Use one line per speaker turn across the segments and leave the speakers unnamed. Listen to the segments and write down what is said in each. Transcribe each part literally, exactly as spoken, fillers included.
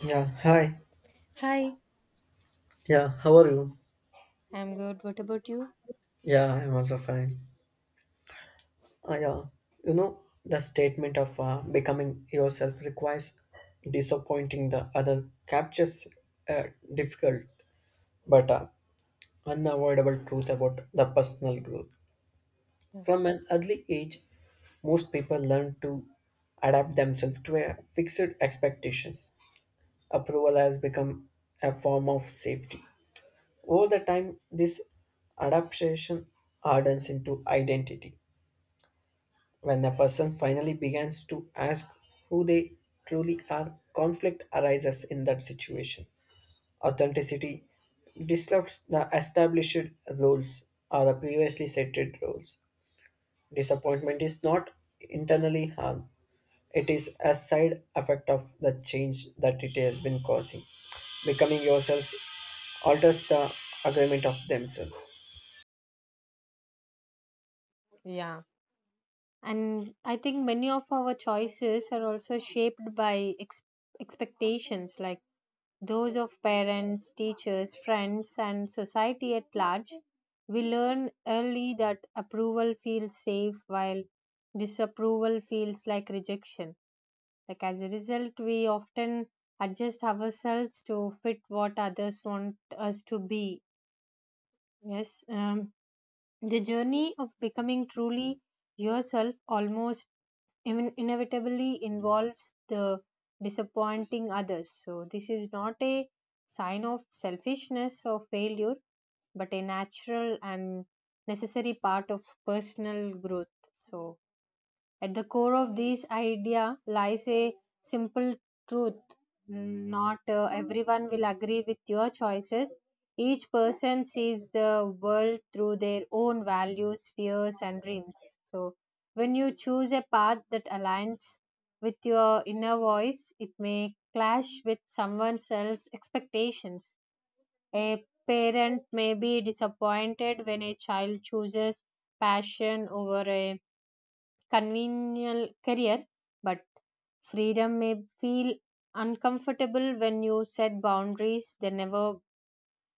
Yeah, hi.
Hi,
Yeah, how are you?
I'm good. What about you?
Yeah, I'm also fine. Uh, yeah, you know, the statement of uh, becoming yourself requires disappointing the other, captures a difficult but uh, unavoidable truth about the personal growth.
Yeah.
From an early age, most people learn to adapt themselves to a fixed expectations. Approval has become a form of safety. Over the time, this adaptation hardens into identity. When a person finally begins to ask who they truly are, conflict arises in that situation. Authenticity disrupts the established roles or the previously setted roles. Disappointment is not internally harm, it is a side effect of the change that it has been causing. Becoming yourself alters the agreement of themselves.
Yeah. And I think many of our choices are also shaped by ex- expectations, like those of parents, teachers, friends, and society at large. We learn early that approval feels safe, while disapproval feels like rejection. Like, as a result, we often adjust ourselves to fit what others want us to be. Yes. Um, The journey of becoming truly yourself almost in- inevitably involves the disappointing others. So this is not a sign of selfishness or failure, but a natural and necessary part of personal growth. So, at the core of this idea lies a simple truth. Not uh, Everyone will agree with your choices. Each person sees the world through their own values, fears, and dreams. So, when you choose a path that aligns with your inner voice, it may clash with someone else's expectations. A parent may be disappointed when a child chooses passion over a convenient career, but freedom may feel uncomfortable when you set boundaries they never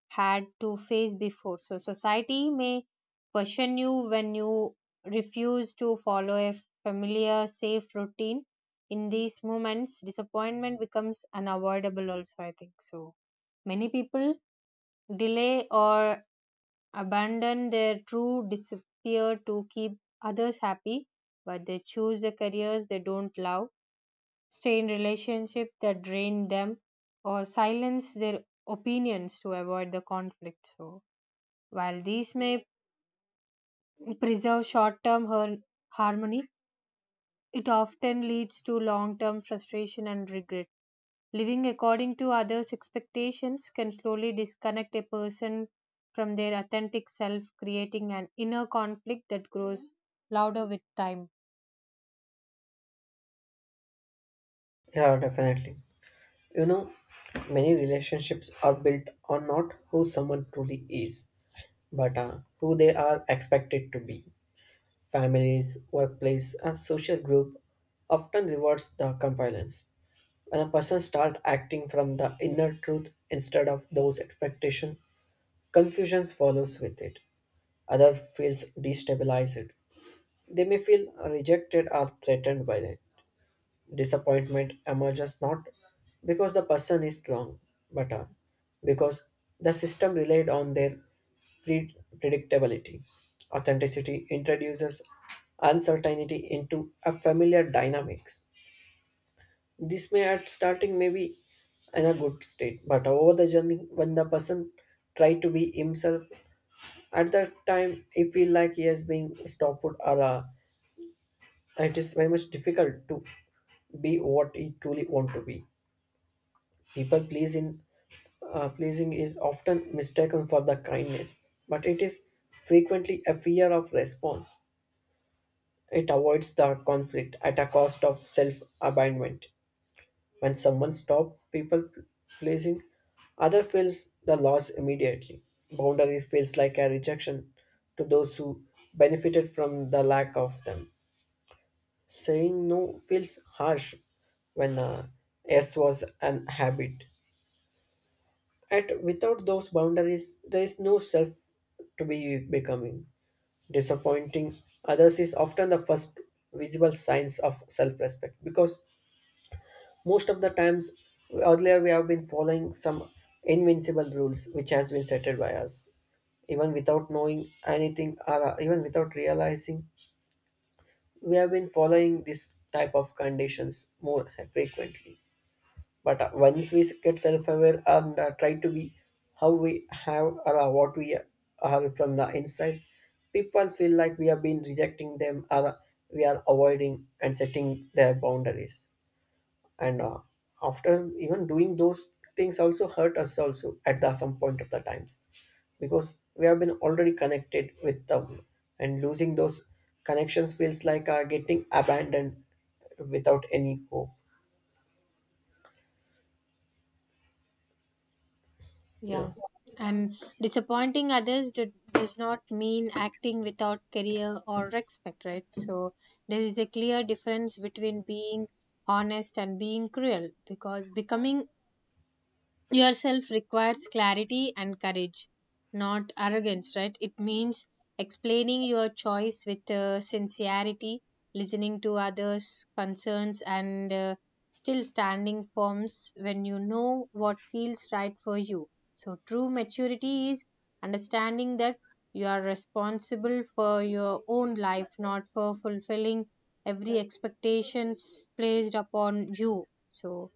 had to face before. So, society may question you when you refuse to follow a familiar, safe routine. In these moments, disappointment becomes unavoidable, also, I think so. Many people delay or abandon their true disappear to keep others happy, but they choose the careers they don't love, stay in relationships that drain them, or silence their opinions to avoid the conflict. So, while these may preserve short term harmony, it often leads to long term frustration and regret. Living according to others' expectations can slowly disconnect a person from their authentic self, creating an inner conflict that grows louder with time.
Yeah, definitely. You know, many relationships are built on not who someone truly is, but uh, who they are expected to be. Families, workplace, and social group often rewards the compliance. When a person starts acting from the inner truth instead of those expectations, confusions follows with it. Other feels destabilized. They may feel rejected or threatened by it. Disappointment emerges not because the person is wrong, but uh, because the system relied on their pre- predictabilities. Authenticity introduces uncertainty into a familiar dynamics. This may at starting may be in a good state, but over the journey, when the person try to be himself, at that time he feel like he is being stopped or uh, it is very much difficult to be what he truly want to be. People pleasing, uh, pleasing is often mistaken for the kindness, but it is frequently a fear of response. It avoids the conflict at a cost of self abandonment. When someone stops people pleasing, other feels the loss immediately. Boundaries feels like a rejection to those who benefited from the lack of them. Saying no feels harsh when uh, yes was an habit. At without those boundaries, there is no self to be becoming. Disappointing others is often the first visible signs of self-respect because most of the times earlier we have been following some invincible rules which has been settled by us even without knowing anything or uh, even without realizing we have been following this type of conditions more frequently but uh, once we get self-aware and uh, try to be how we have or uh, what we are from the inside, people feel like we have been rejecting them or uh, we are avoiding and setting their boundaries and uh, after even doing those things also hurt us also at the, some point of the times because we have been already connected with them and losing those connections feels like uh, getting abandoned without any hope. Yeah.
Yeah. And disappointing others do, does not mean acting without career or respect, right? So there is a clear difference between being honest and being cruel, because becoming yourself requires clarity and courage, not arrogance, right? It means explaining your choice with uh, sincerity, listening to others' concerns, and uh, still standing firms when you know what feels right for you. So, true maturity is understanding that you are responsible for your own life, not for fulfilling every expectation placed upon you. So,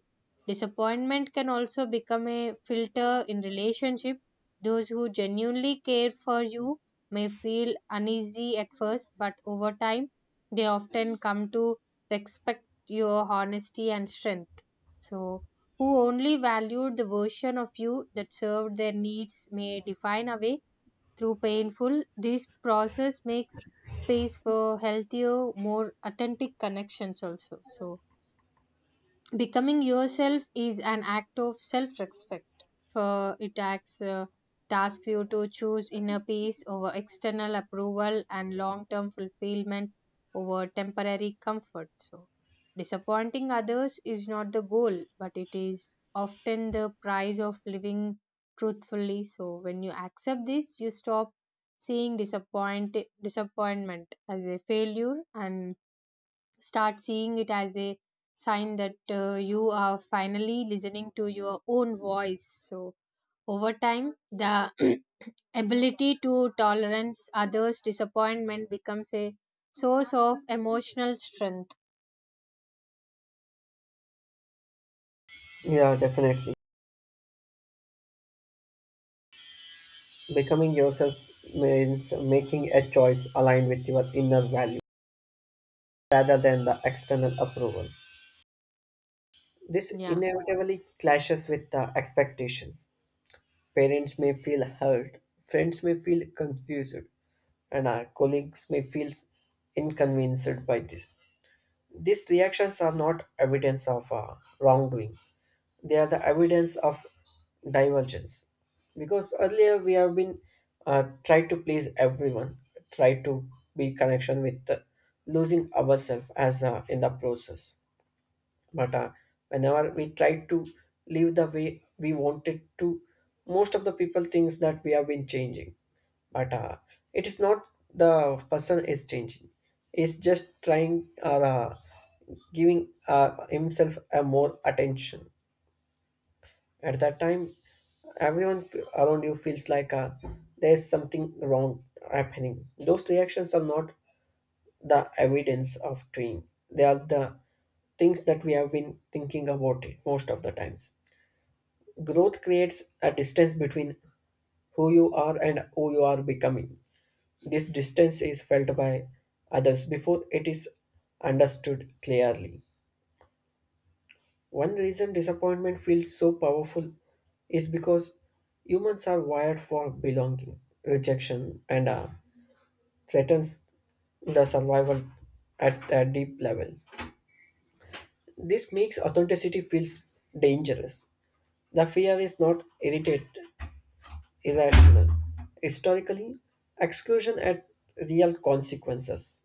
disappointment can also become a filter in relationship. Those who genuinely care for you may feel uneasy at first, but over time, they often come to respect your honesty and strength. So, who only valued the version of you that served their needs may define away through painful. This process makes space for healthier, more authentic connections also. So, becoming yourself is an act of self respect, for it acts, uh, tasks you to choose inner peace over external approval and long term fulfillment over temporary comfort. So, disappointing others is not the goal, but it is often the price of living truthfully. So, when you accept this, you stop seeing disappoint- disappointment as a failure and start seeing it as a sign that uh, you are finally listening to your own voice. So, over time, the ability to tolerance others' disappointment becomes a source of emotional strength.
Yeah, definitely. Becoming yourself means making a choice aligned with your inner value rather than the external approval. This
Yeah,
inevitably clashes with the expectations. Parents may feel hurt, friends may feel confused, and our colleagues may feel inconvenienced by this. These reactions are not evidence of uh, wrongdoing, they are the evidence of divergence because earlier we have been uh, tried to please everyone, tried to be connection with the, losing ourselves as uh, in the process, but uh, whenever we try to live the way we wanted to, most of the people thinks that we have been changing, but uh, it is not the person is changing, is just trying uh, uh, giving uh, himself a more attention. At that time, everyone f- around you feels like uh, there's something wrong happening. Those reactions are not the evidence of doing. They are the things that we have been thinking about it most of the times. Growth creates a distance between who you are and who you are becoming. This distance is felt by others before it is understood clearly. One reason disappointment feels so powerful is because humans are wired for belonging, rejection, and uh, threatens the survival at a deep level. This makes authenticity feels dangerous. The fear is not irritated, irrational. Historically, exclusion had real consequences.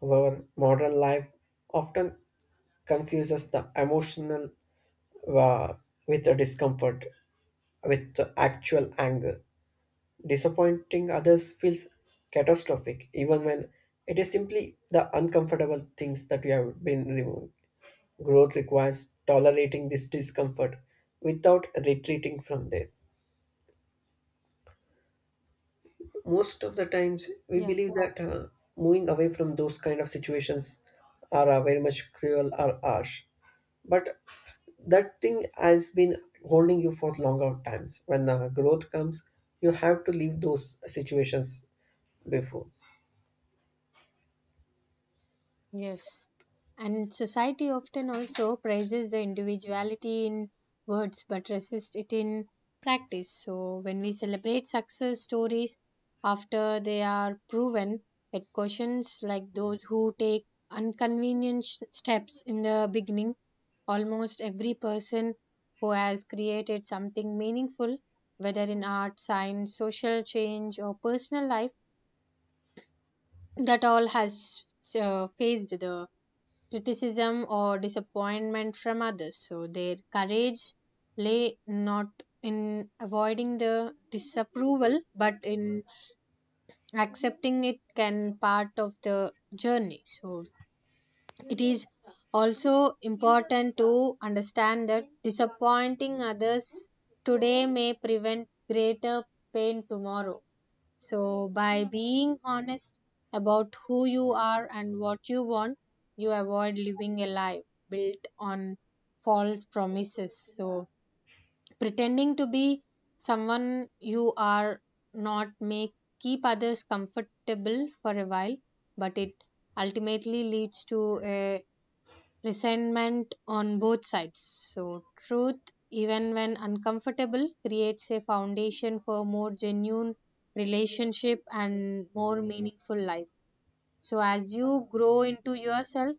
However, modern life often confuses the emotional uh, with the discomfort with the actual anger. Disappointing others feels catastrophic, even when it is simply the uncomfortable things that you have been removing. Growth requires tolerating this discomfort without retreating from there. Most of the times we
yeah.
believe that uh, moving away from those kind of situations are uh, very much cruel or harsh, but that thing has been holding you for longer times. When uh, growth comes, you have to leave those situations before.
Yes. And society often also praises the individuality in words but resists it in practice. So, when we celebrate success stories after they are proven, it cautions like those who take inconvenient sh- steps in the beginning. Almost every person who has created something meaningful, whether in art, science, social change, or personal life, that all has uh, faced the criticism or disappointment from others. So their courage lay not in avoiding the disapproval but in accepting it can part of the journey. So it is also important to understand that disappointing others today may prevent greater pain tomorrow. So, by being honest about who you are and what you want, you avoid living a life built on false promises. So, pretending to be someone you are not may keep others comfortable for a while, but it ultimately leads to a resentment on both sides. So, truth, even when uncomfortable, creates a foundation for more genuine relationship and more meaningful life. So, as you grow into yourself,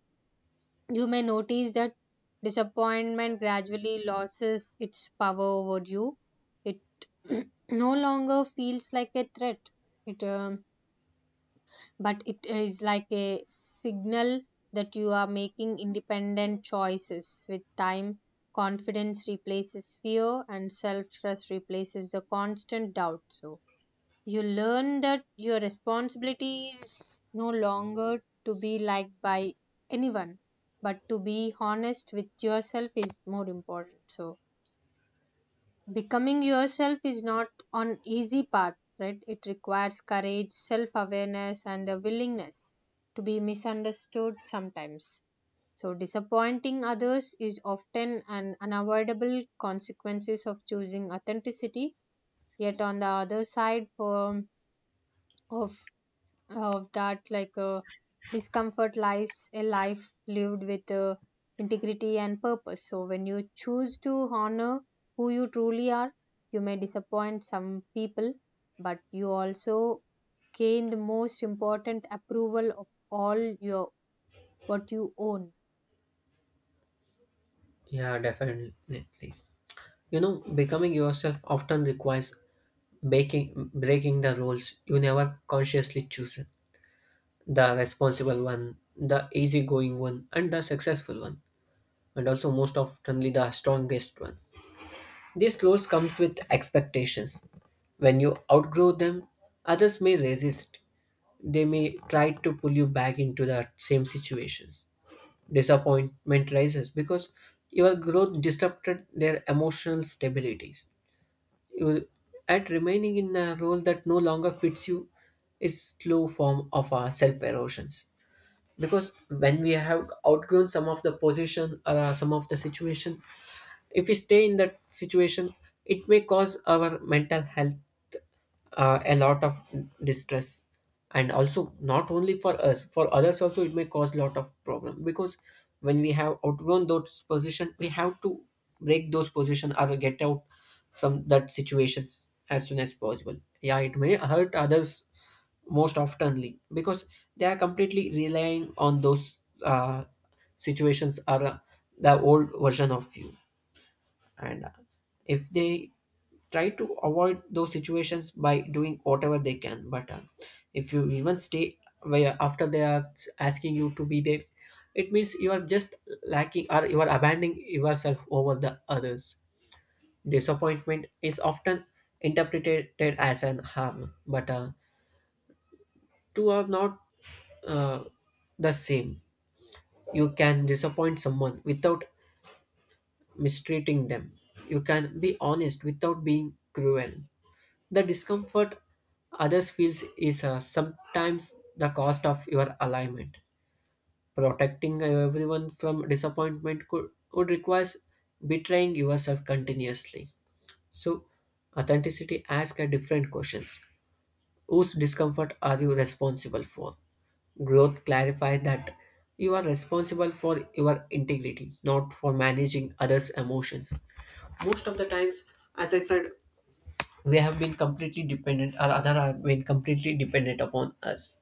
you may notice that disappointment gradually loses its power over you. It no longer feels like a threat. It um, But it is like a signal that you are making independent choices. With time, confidence replaces fear and self trust replaces the constant doubt. So you learn that your responsibility is no longer to be liked by anyone, but to be honest with yourself is more important. So becoming yourself is not an easy path, right? It requires courage, self awareness, and the willingness to be misunderstood sometimes. So disappointing others is often an unavoidable consequences of choosing authenticity, yet on the other side for, of of that like uh, discomfort lies a life lived with uh, integrity and purpose. So when you choose to honor who you truly are, you may disappoint some people, but you also gain the most important approval of all, your what you own.
Yeah, definitely. You know, becoming yourself often requires breaking breaking the roles you never consciously choose. The responsible one, the easygoing one, and the successful one, and also most oftenly the strongest one. These roles comes with expectations. When you outgrow them, others may resist. They may try to pull you back into the same situations. Disappointment rises because your growth disrupted their emotional stabilities. You, at remaining in a role that no longer fits you is slow form of our self erosions, because when we have outgrown some of the position or uh, some of the situation, if we stay in that situation it may cause our mental health uh, a lot of distress, and also not only for us, for others also it may cause lot of problem, because when we have outgrown those position we have to break those position or get out from that situations as soon as possible. Yeah, it may hurt others most oftenly because they are completely relying on those uh, situations are uh, the old version of you, and uh, if they try to avoid those situations by doing whatever they can, but uh, if you even stay where after they are asking you to be there, it means you are just lacking or you are abandoning yourself over the others. Disappointment is often interpreted as an harm, but uh, two are not uh, the same. You can disappoint someone without mistreating them. You can be honest without being cruel. The discomfort others feels is uh, sometimes the cost of your alignment. Protecting everyone from disappointment could would requires betraying yourself continuously. So, authenticity asks a different questions. Whose discomfort are you responsible for? Growth clarifies that you are responsible for your integrity, not for managing others' emotions. Most of the times, as I said, we have been completely dependent, or other have been completely dependent upon us.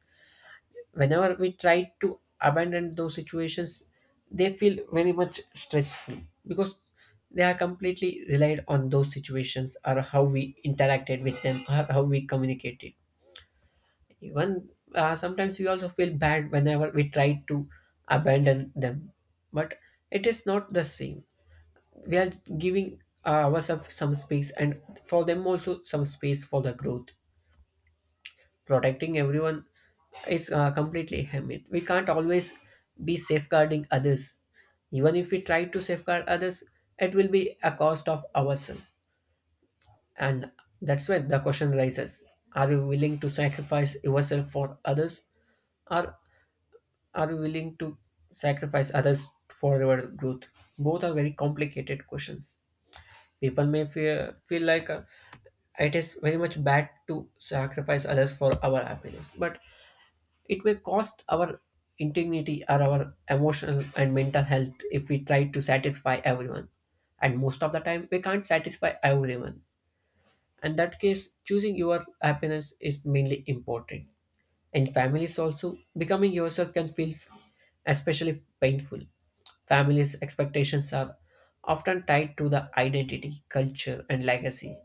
Whenever we try to abandon those situations, they feel very much stressful because they are completely relied on those situations or how we interacted with them or how we communicated. Even uh, sometimes we also feel bad whenever we try to abandon them, but it is not the same. We are giving uh, ourselves some space, and for them also some space for the growth. Protecting everyone is uh, completely hamid. We can't always be safeguarding others. Even if we try to safeguard others, it will be a cost of ourselves. And that's where the question arises. Are you willing to sacrifice yourself for others? Or are you willing to sacrifice others for your growth? Both are very complicated questions. People may feel, feel like uh, it is very much bad to sacrifice others for our happiness, but it may cost our integrity or our emotional and mental health if we try to satisfy everyone. And most of the time, we can't satisfy everyone. In that case, choosing your happiness is mainly important. And families also, becoming yourself can feel especially painful. Families' expectations are often tied to the identity, culture, and legacy.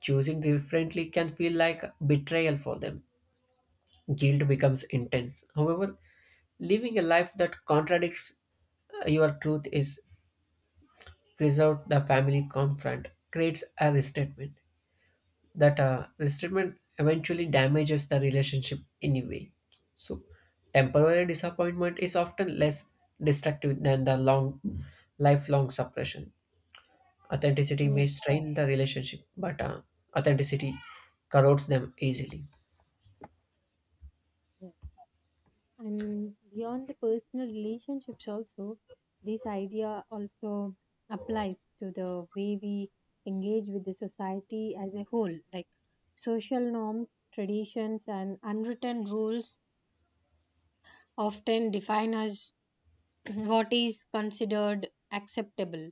Choosing differently can feel like betrayal for them. Guilt becomes intense. However, living a life that contradicts uh, your truth is preserved the family confront creates a restatement that uh, resentment eventually damages the relationship anyway. So, temporary disappointment is often less destructive than the long, lifelong suppression. Authenticity may
Yeah,
strain the relationship, but uh, authenticity corrodes them easily.
yeah. And beyond the personal relationships, also, this idea also applies to the way we engage with the society as a whole. Like social norms, traditions, and unwritten rules often define us what is considered acceptable.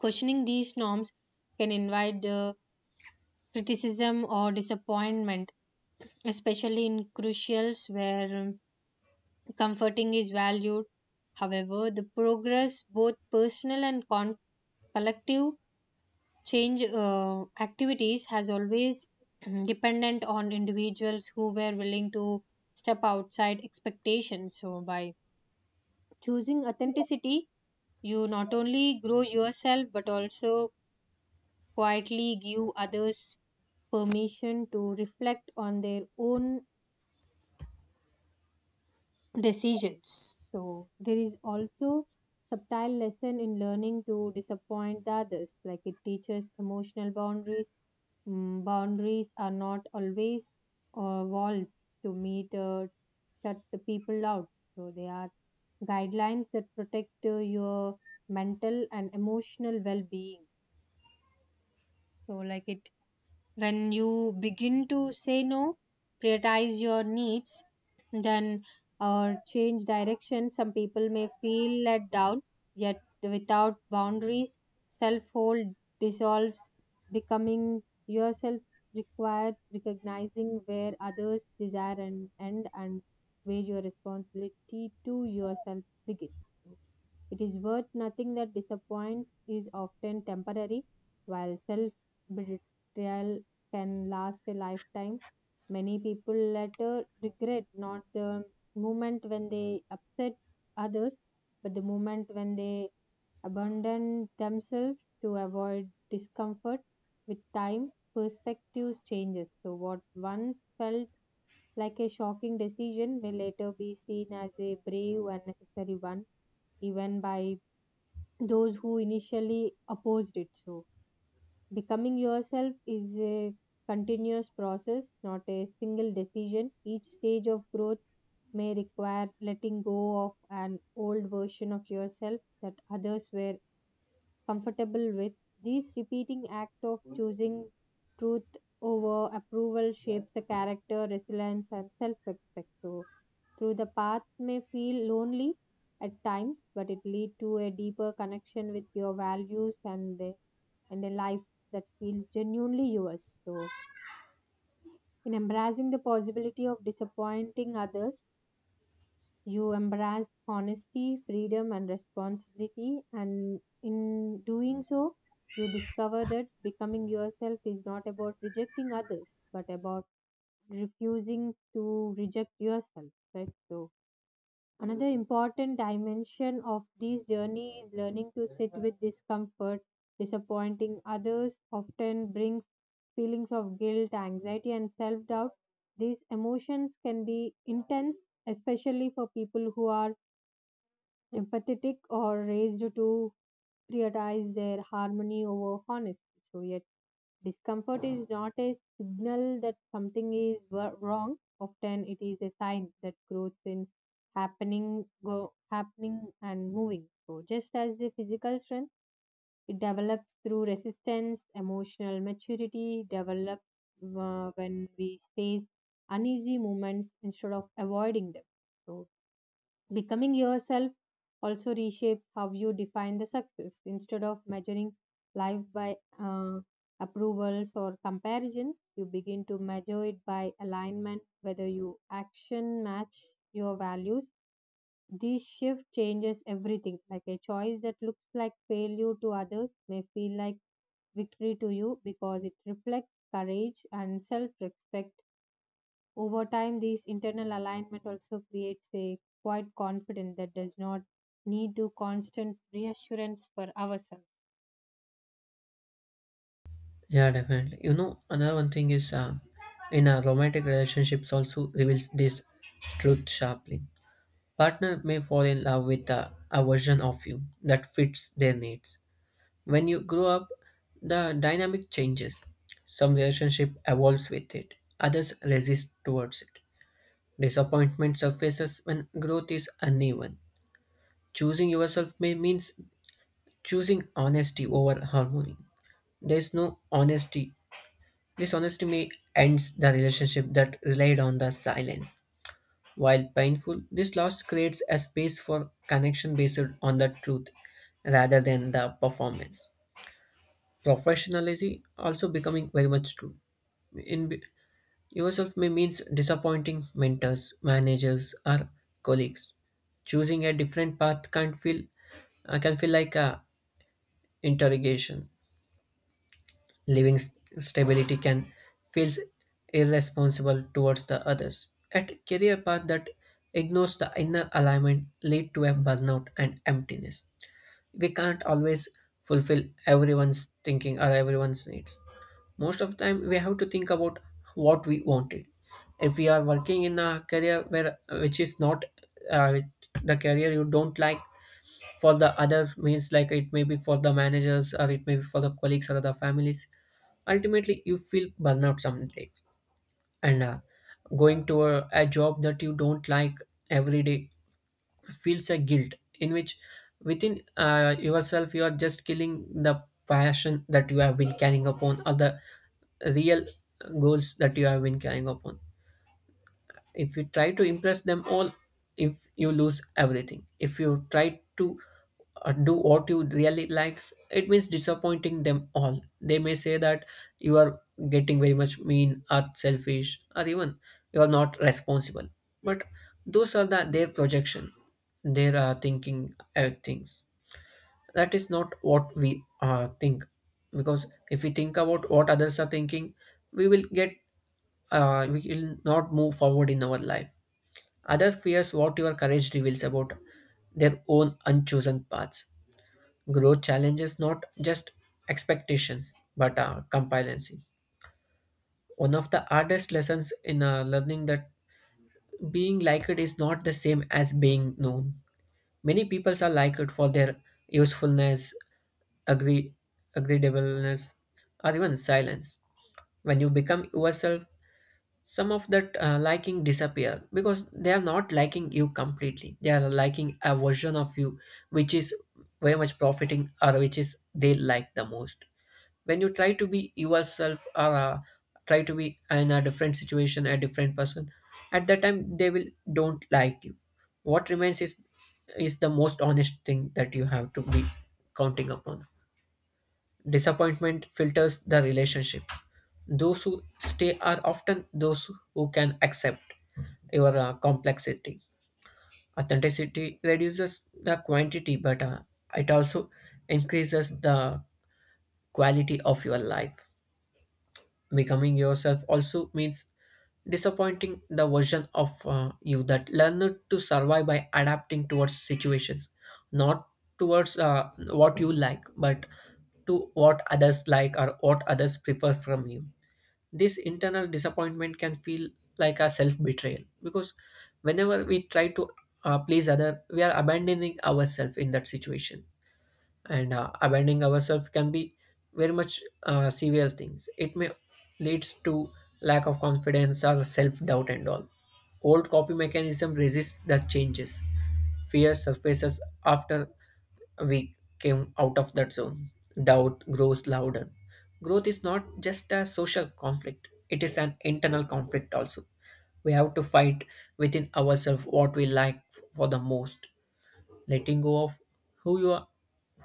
Questioning these norms can invite the criticism or disappointment, especially in crucials where um, comforting is valued. However, the progress, both personal and con- collective change uh, activities, has always dependent on individuals who were willing to step outside expectations. So, by choosing authenticity, you not only grow yourself but also quietly give others permission to reflect on their own decisions. So there is also subtle lesson in learning to disappoint the others. Like it teaches emotional boundaries. Mm, boundaries are not always uh, walls to meet uh, shut the people out. So they are guidelines that protect uh, your mental and emotional well-being. So like it, when you begin to say no, prioritize your needs, then or change direction, some people may feel let down, yet without boundaries, self hold dissolves. Becoming yourself required recognizing where others desire and end and where your responsibility to yourself begins. It is worth noting that disappointment is often temporary, while self betrayal can last a lifetime. Many people later regret not the moment when they upset others, but the moment when they abandon themselves to avoid discomfort. With time, perspectives changes. So what once felt like a shocking decision may later be seen as a brave and necessary one, even by those who initially opposed it. So, becoming yourself is a continuous process, not a single decision. Each stage of growth may require letting go of an old version of yourself that others were comfortable with. This repeating act of choosing truth over approval shapes the character, resilience, and self respect. So, through the path may feel lonely at times, but it leads to a deeper connection with your values and the, and a life that feels genuinely yours. So, in embracing the possibility of disappointing others, you embrace honesty, freedom, and responsibility, and in doing so, you discover that becoming yourself is not about rejecting others, but about refusing to reject yourself. Right? So, another important dimension of this journey is learning to sit with discomfort. Disappointing others often brings feelings of guilt, anxiety, and self doubt. These emotions can be intense, especially for people who are empathetic or raised to prioritize their harmony over honesty. So, yet discomfort is not a signal that something is wo- wrong. Often, it is a sign that growth is happening, go, happening and moving. So, just as the physical strength, it develops through resistance. Emotional maturity develops uh, when we face uneasy moments instead of avoiding them. So, becoming yourself also reshapes how you define the success. Instead of measuring life by uh, approvals or comparison, you begin to measure it by alignment, whether you action match your values. This shift changes everything. Like a choice that looks like failure to others may feel like victory to you because it reflects courage and self respect. Over time, this internal alignment also creates a quiet confidence that does not need to constant reassurance for ourselves.
Yeah, definitely. You know, another one thing is uh, in a romantic relationships also reveals this truth sharply. Partner may fall in love with uh, a version of you that fits their needs. When you grow up, the dynamic changes. Some relationship evolves with it, others resist towards it. Disappointment surfaces when growth is uneven. Choosing yourself may means choosing honesty over harmony. There's no honesty. This honesty may ends the relationship that relied on the silence. While painful, this loss creates a space for connection based on the truth rather than the performance. Professionalism also becoming very much true. In b- Yourself may means disappointing mentors, managers, or colleagues. Choosing a different path can feel uh, can feel like a interrogation. Living s- Stability can feels irresponsible towards the others. At career path that ignores the inner alignment lead to a burnout and emptiness. We can't always fulfill everyone's thinking or everyone's needs. Most of the time we have to think about what we wanted. If we are working in a career where which is not uh, which- the career you don't like, for the other means like it may be for the managers or it may be for the colleagues or the families, ultimately you feel burnout someday, and uh, going to a, a job that you don't like every day feels a guilt in which within uh, yourself you are just killing the passion that you have been carrying upon or the real goals that you have been carrying upon. If you try to impress them all, if you lose everything, if you try to uh, do what you really like, it means disappointing them all. They may say that you are getting very much mean or selfish or even you are not responsible, but those are the their projection, their uh, thinking uh, things, that is not what we uh, think, because if we think about what others are thinking, we will get uh, we will not move forward in our life. Others fears what your courage reveals about their own unchosen paths. Growth challenges not just expectations but uh, compliancy. One of the hardest lessons in uh, learning that being liked is not the same as being known. Many peoples are liked for their usefulness, agree, agreeableness, or even silence. When you become yourself, some of that uh, liking disappear, because they are not liking you completely, they are liking a version of you which is very much profiting or which is they like the most. When you try to be yourself or uh, try to be in a different situation, a different person, at that time they will don't like you. What remains is is the most honest thing that you have to be counting upon. Disappointment filters the relationships. Those who stay are often those who can accept your uh, complexity. Authenticity reduces the quantity, but uh, it also increases the quality of your life. Becoming yourself also means disappointing the version of uh, you that learned to survive by adapting towards situations, not towards uh, what you like, but to what others like or what others prefer from you. This internal disappointment can feel like a self betrayal, because whenever we try to uh, please other, we are abandoning ourselves in that situation, and uh, abandoning ourselves can be very much uh, severe things. It may leads to lack of confidence or self-doubt, and all old copy mechanism resists the changes. Fear surfaces after we came out of that zone. Doubt grows louder. Growth is not just a social conflict, it is an internal conflict also. We have to fight within ourselves what we like for the most. Letting go of who you are,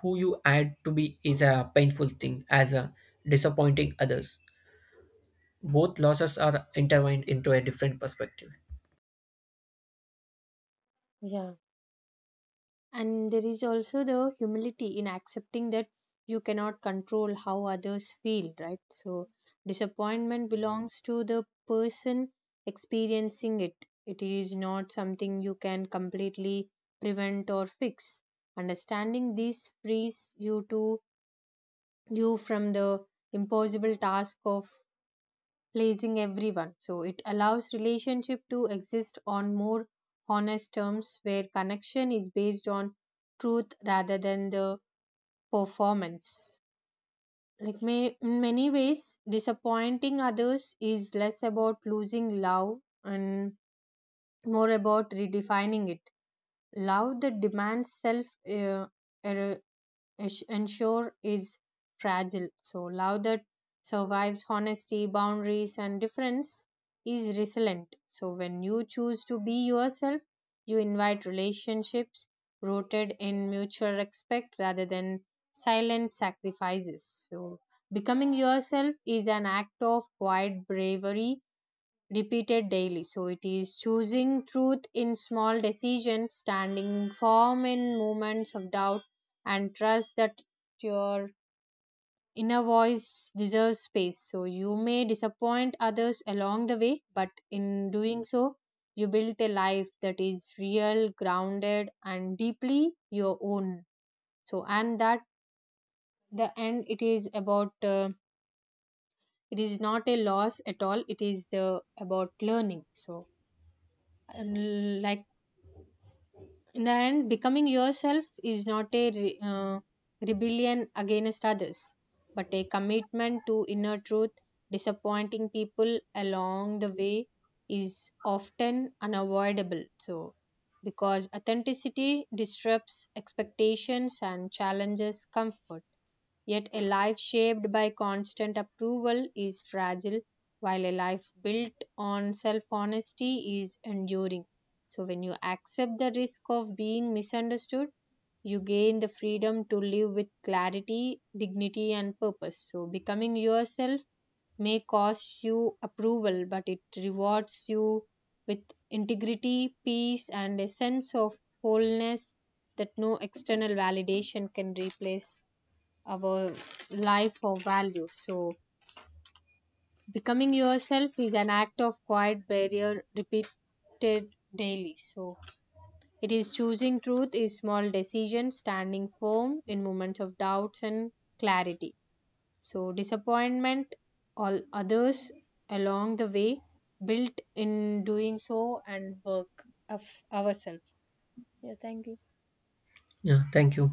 who you had to be, is a painful thing as a disappointing others. Both losses are intertwined into a different perspective.
Yeah. And there is also the humility in accepting that you cannot control how others feel, right? So, disappointment belongs to the person experiencing it. It is not something you can completely prevent or fix. Understanding this frees you to you from the impossible task of pleasing everyone. So it allows relationship to exist on more honest terms, where connection is based on truth rather than the performance. Like may, in many ways, disappointing others is less about losing love and more about redefining it. Love that demands self uh, er- ish- ensure is fragile. So, love that survives honesty, boundaries, and difference is resilient. So, when you choose to be yourself, you invite relationships rooted in mutual respect rather than silent sacrifices. So, becoming yourself is an act of quiet bravery repeated daily. So it is choosing truth in small decisions, standing firm in moments of doubt, and trust that your inner voice deserves space. So you may disappoint others along the way, but in doing so, you built a life that is real, grounded, and deeply your own. So, and that the end, it is about. Uh, it is not a loss at all. It is the about learning. So, and like then becoming yourself is not a re- uh, rebellion against others, but a commitment to inner truth. Disappointing people along the way is often unavoidable. So, because authenticity disrupts expectations and challenges comfort. Yet a life shaped by constant approval is fragile, while a life built on self honesty is enduring. So, when you accept the risk of being misunderstood, you gain the freedom to live with clarity, dignity, and purpose. So, becoming yourself may cost you approval, but it rewards you with integrity, peace, and a sense of wholeness that no external validation can replace our life or value. So, becoming yourself is an act of quiet barrier repeated daily. So, it is choosing truth is small decision, standing firm in moments of doubts and clarity. So, disappointment, all others along the way, built in doing so and work of ourselves. Yeah, thank you.
Yeah, thank you.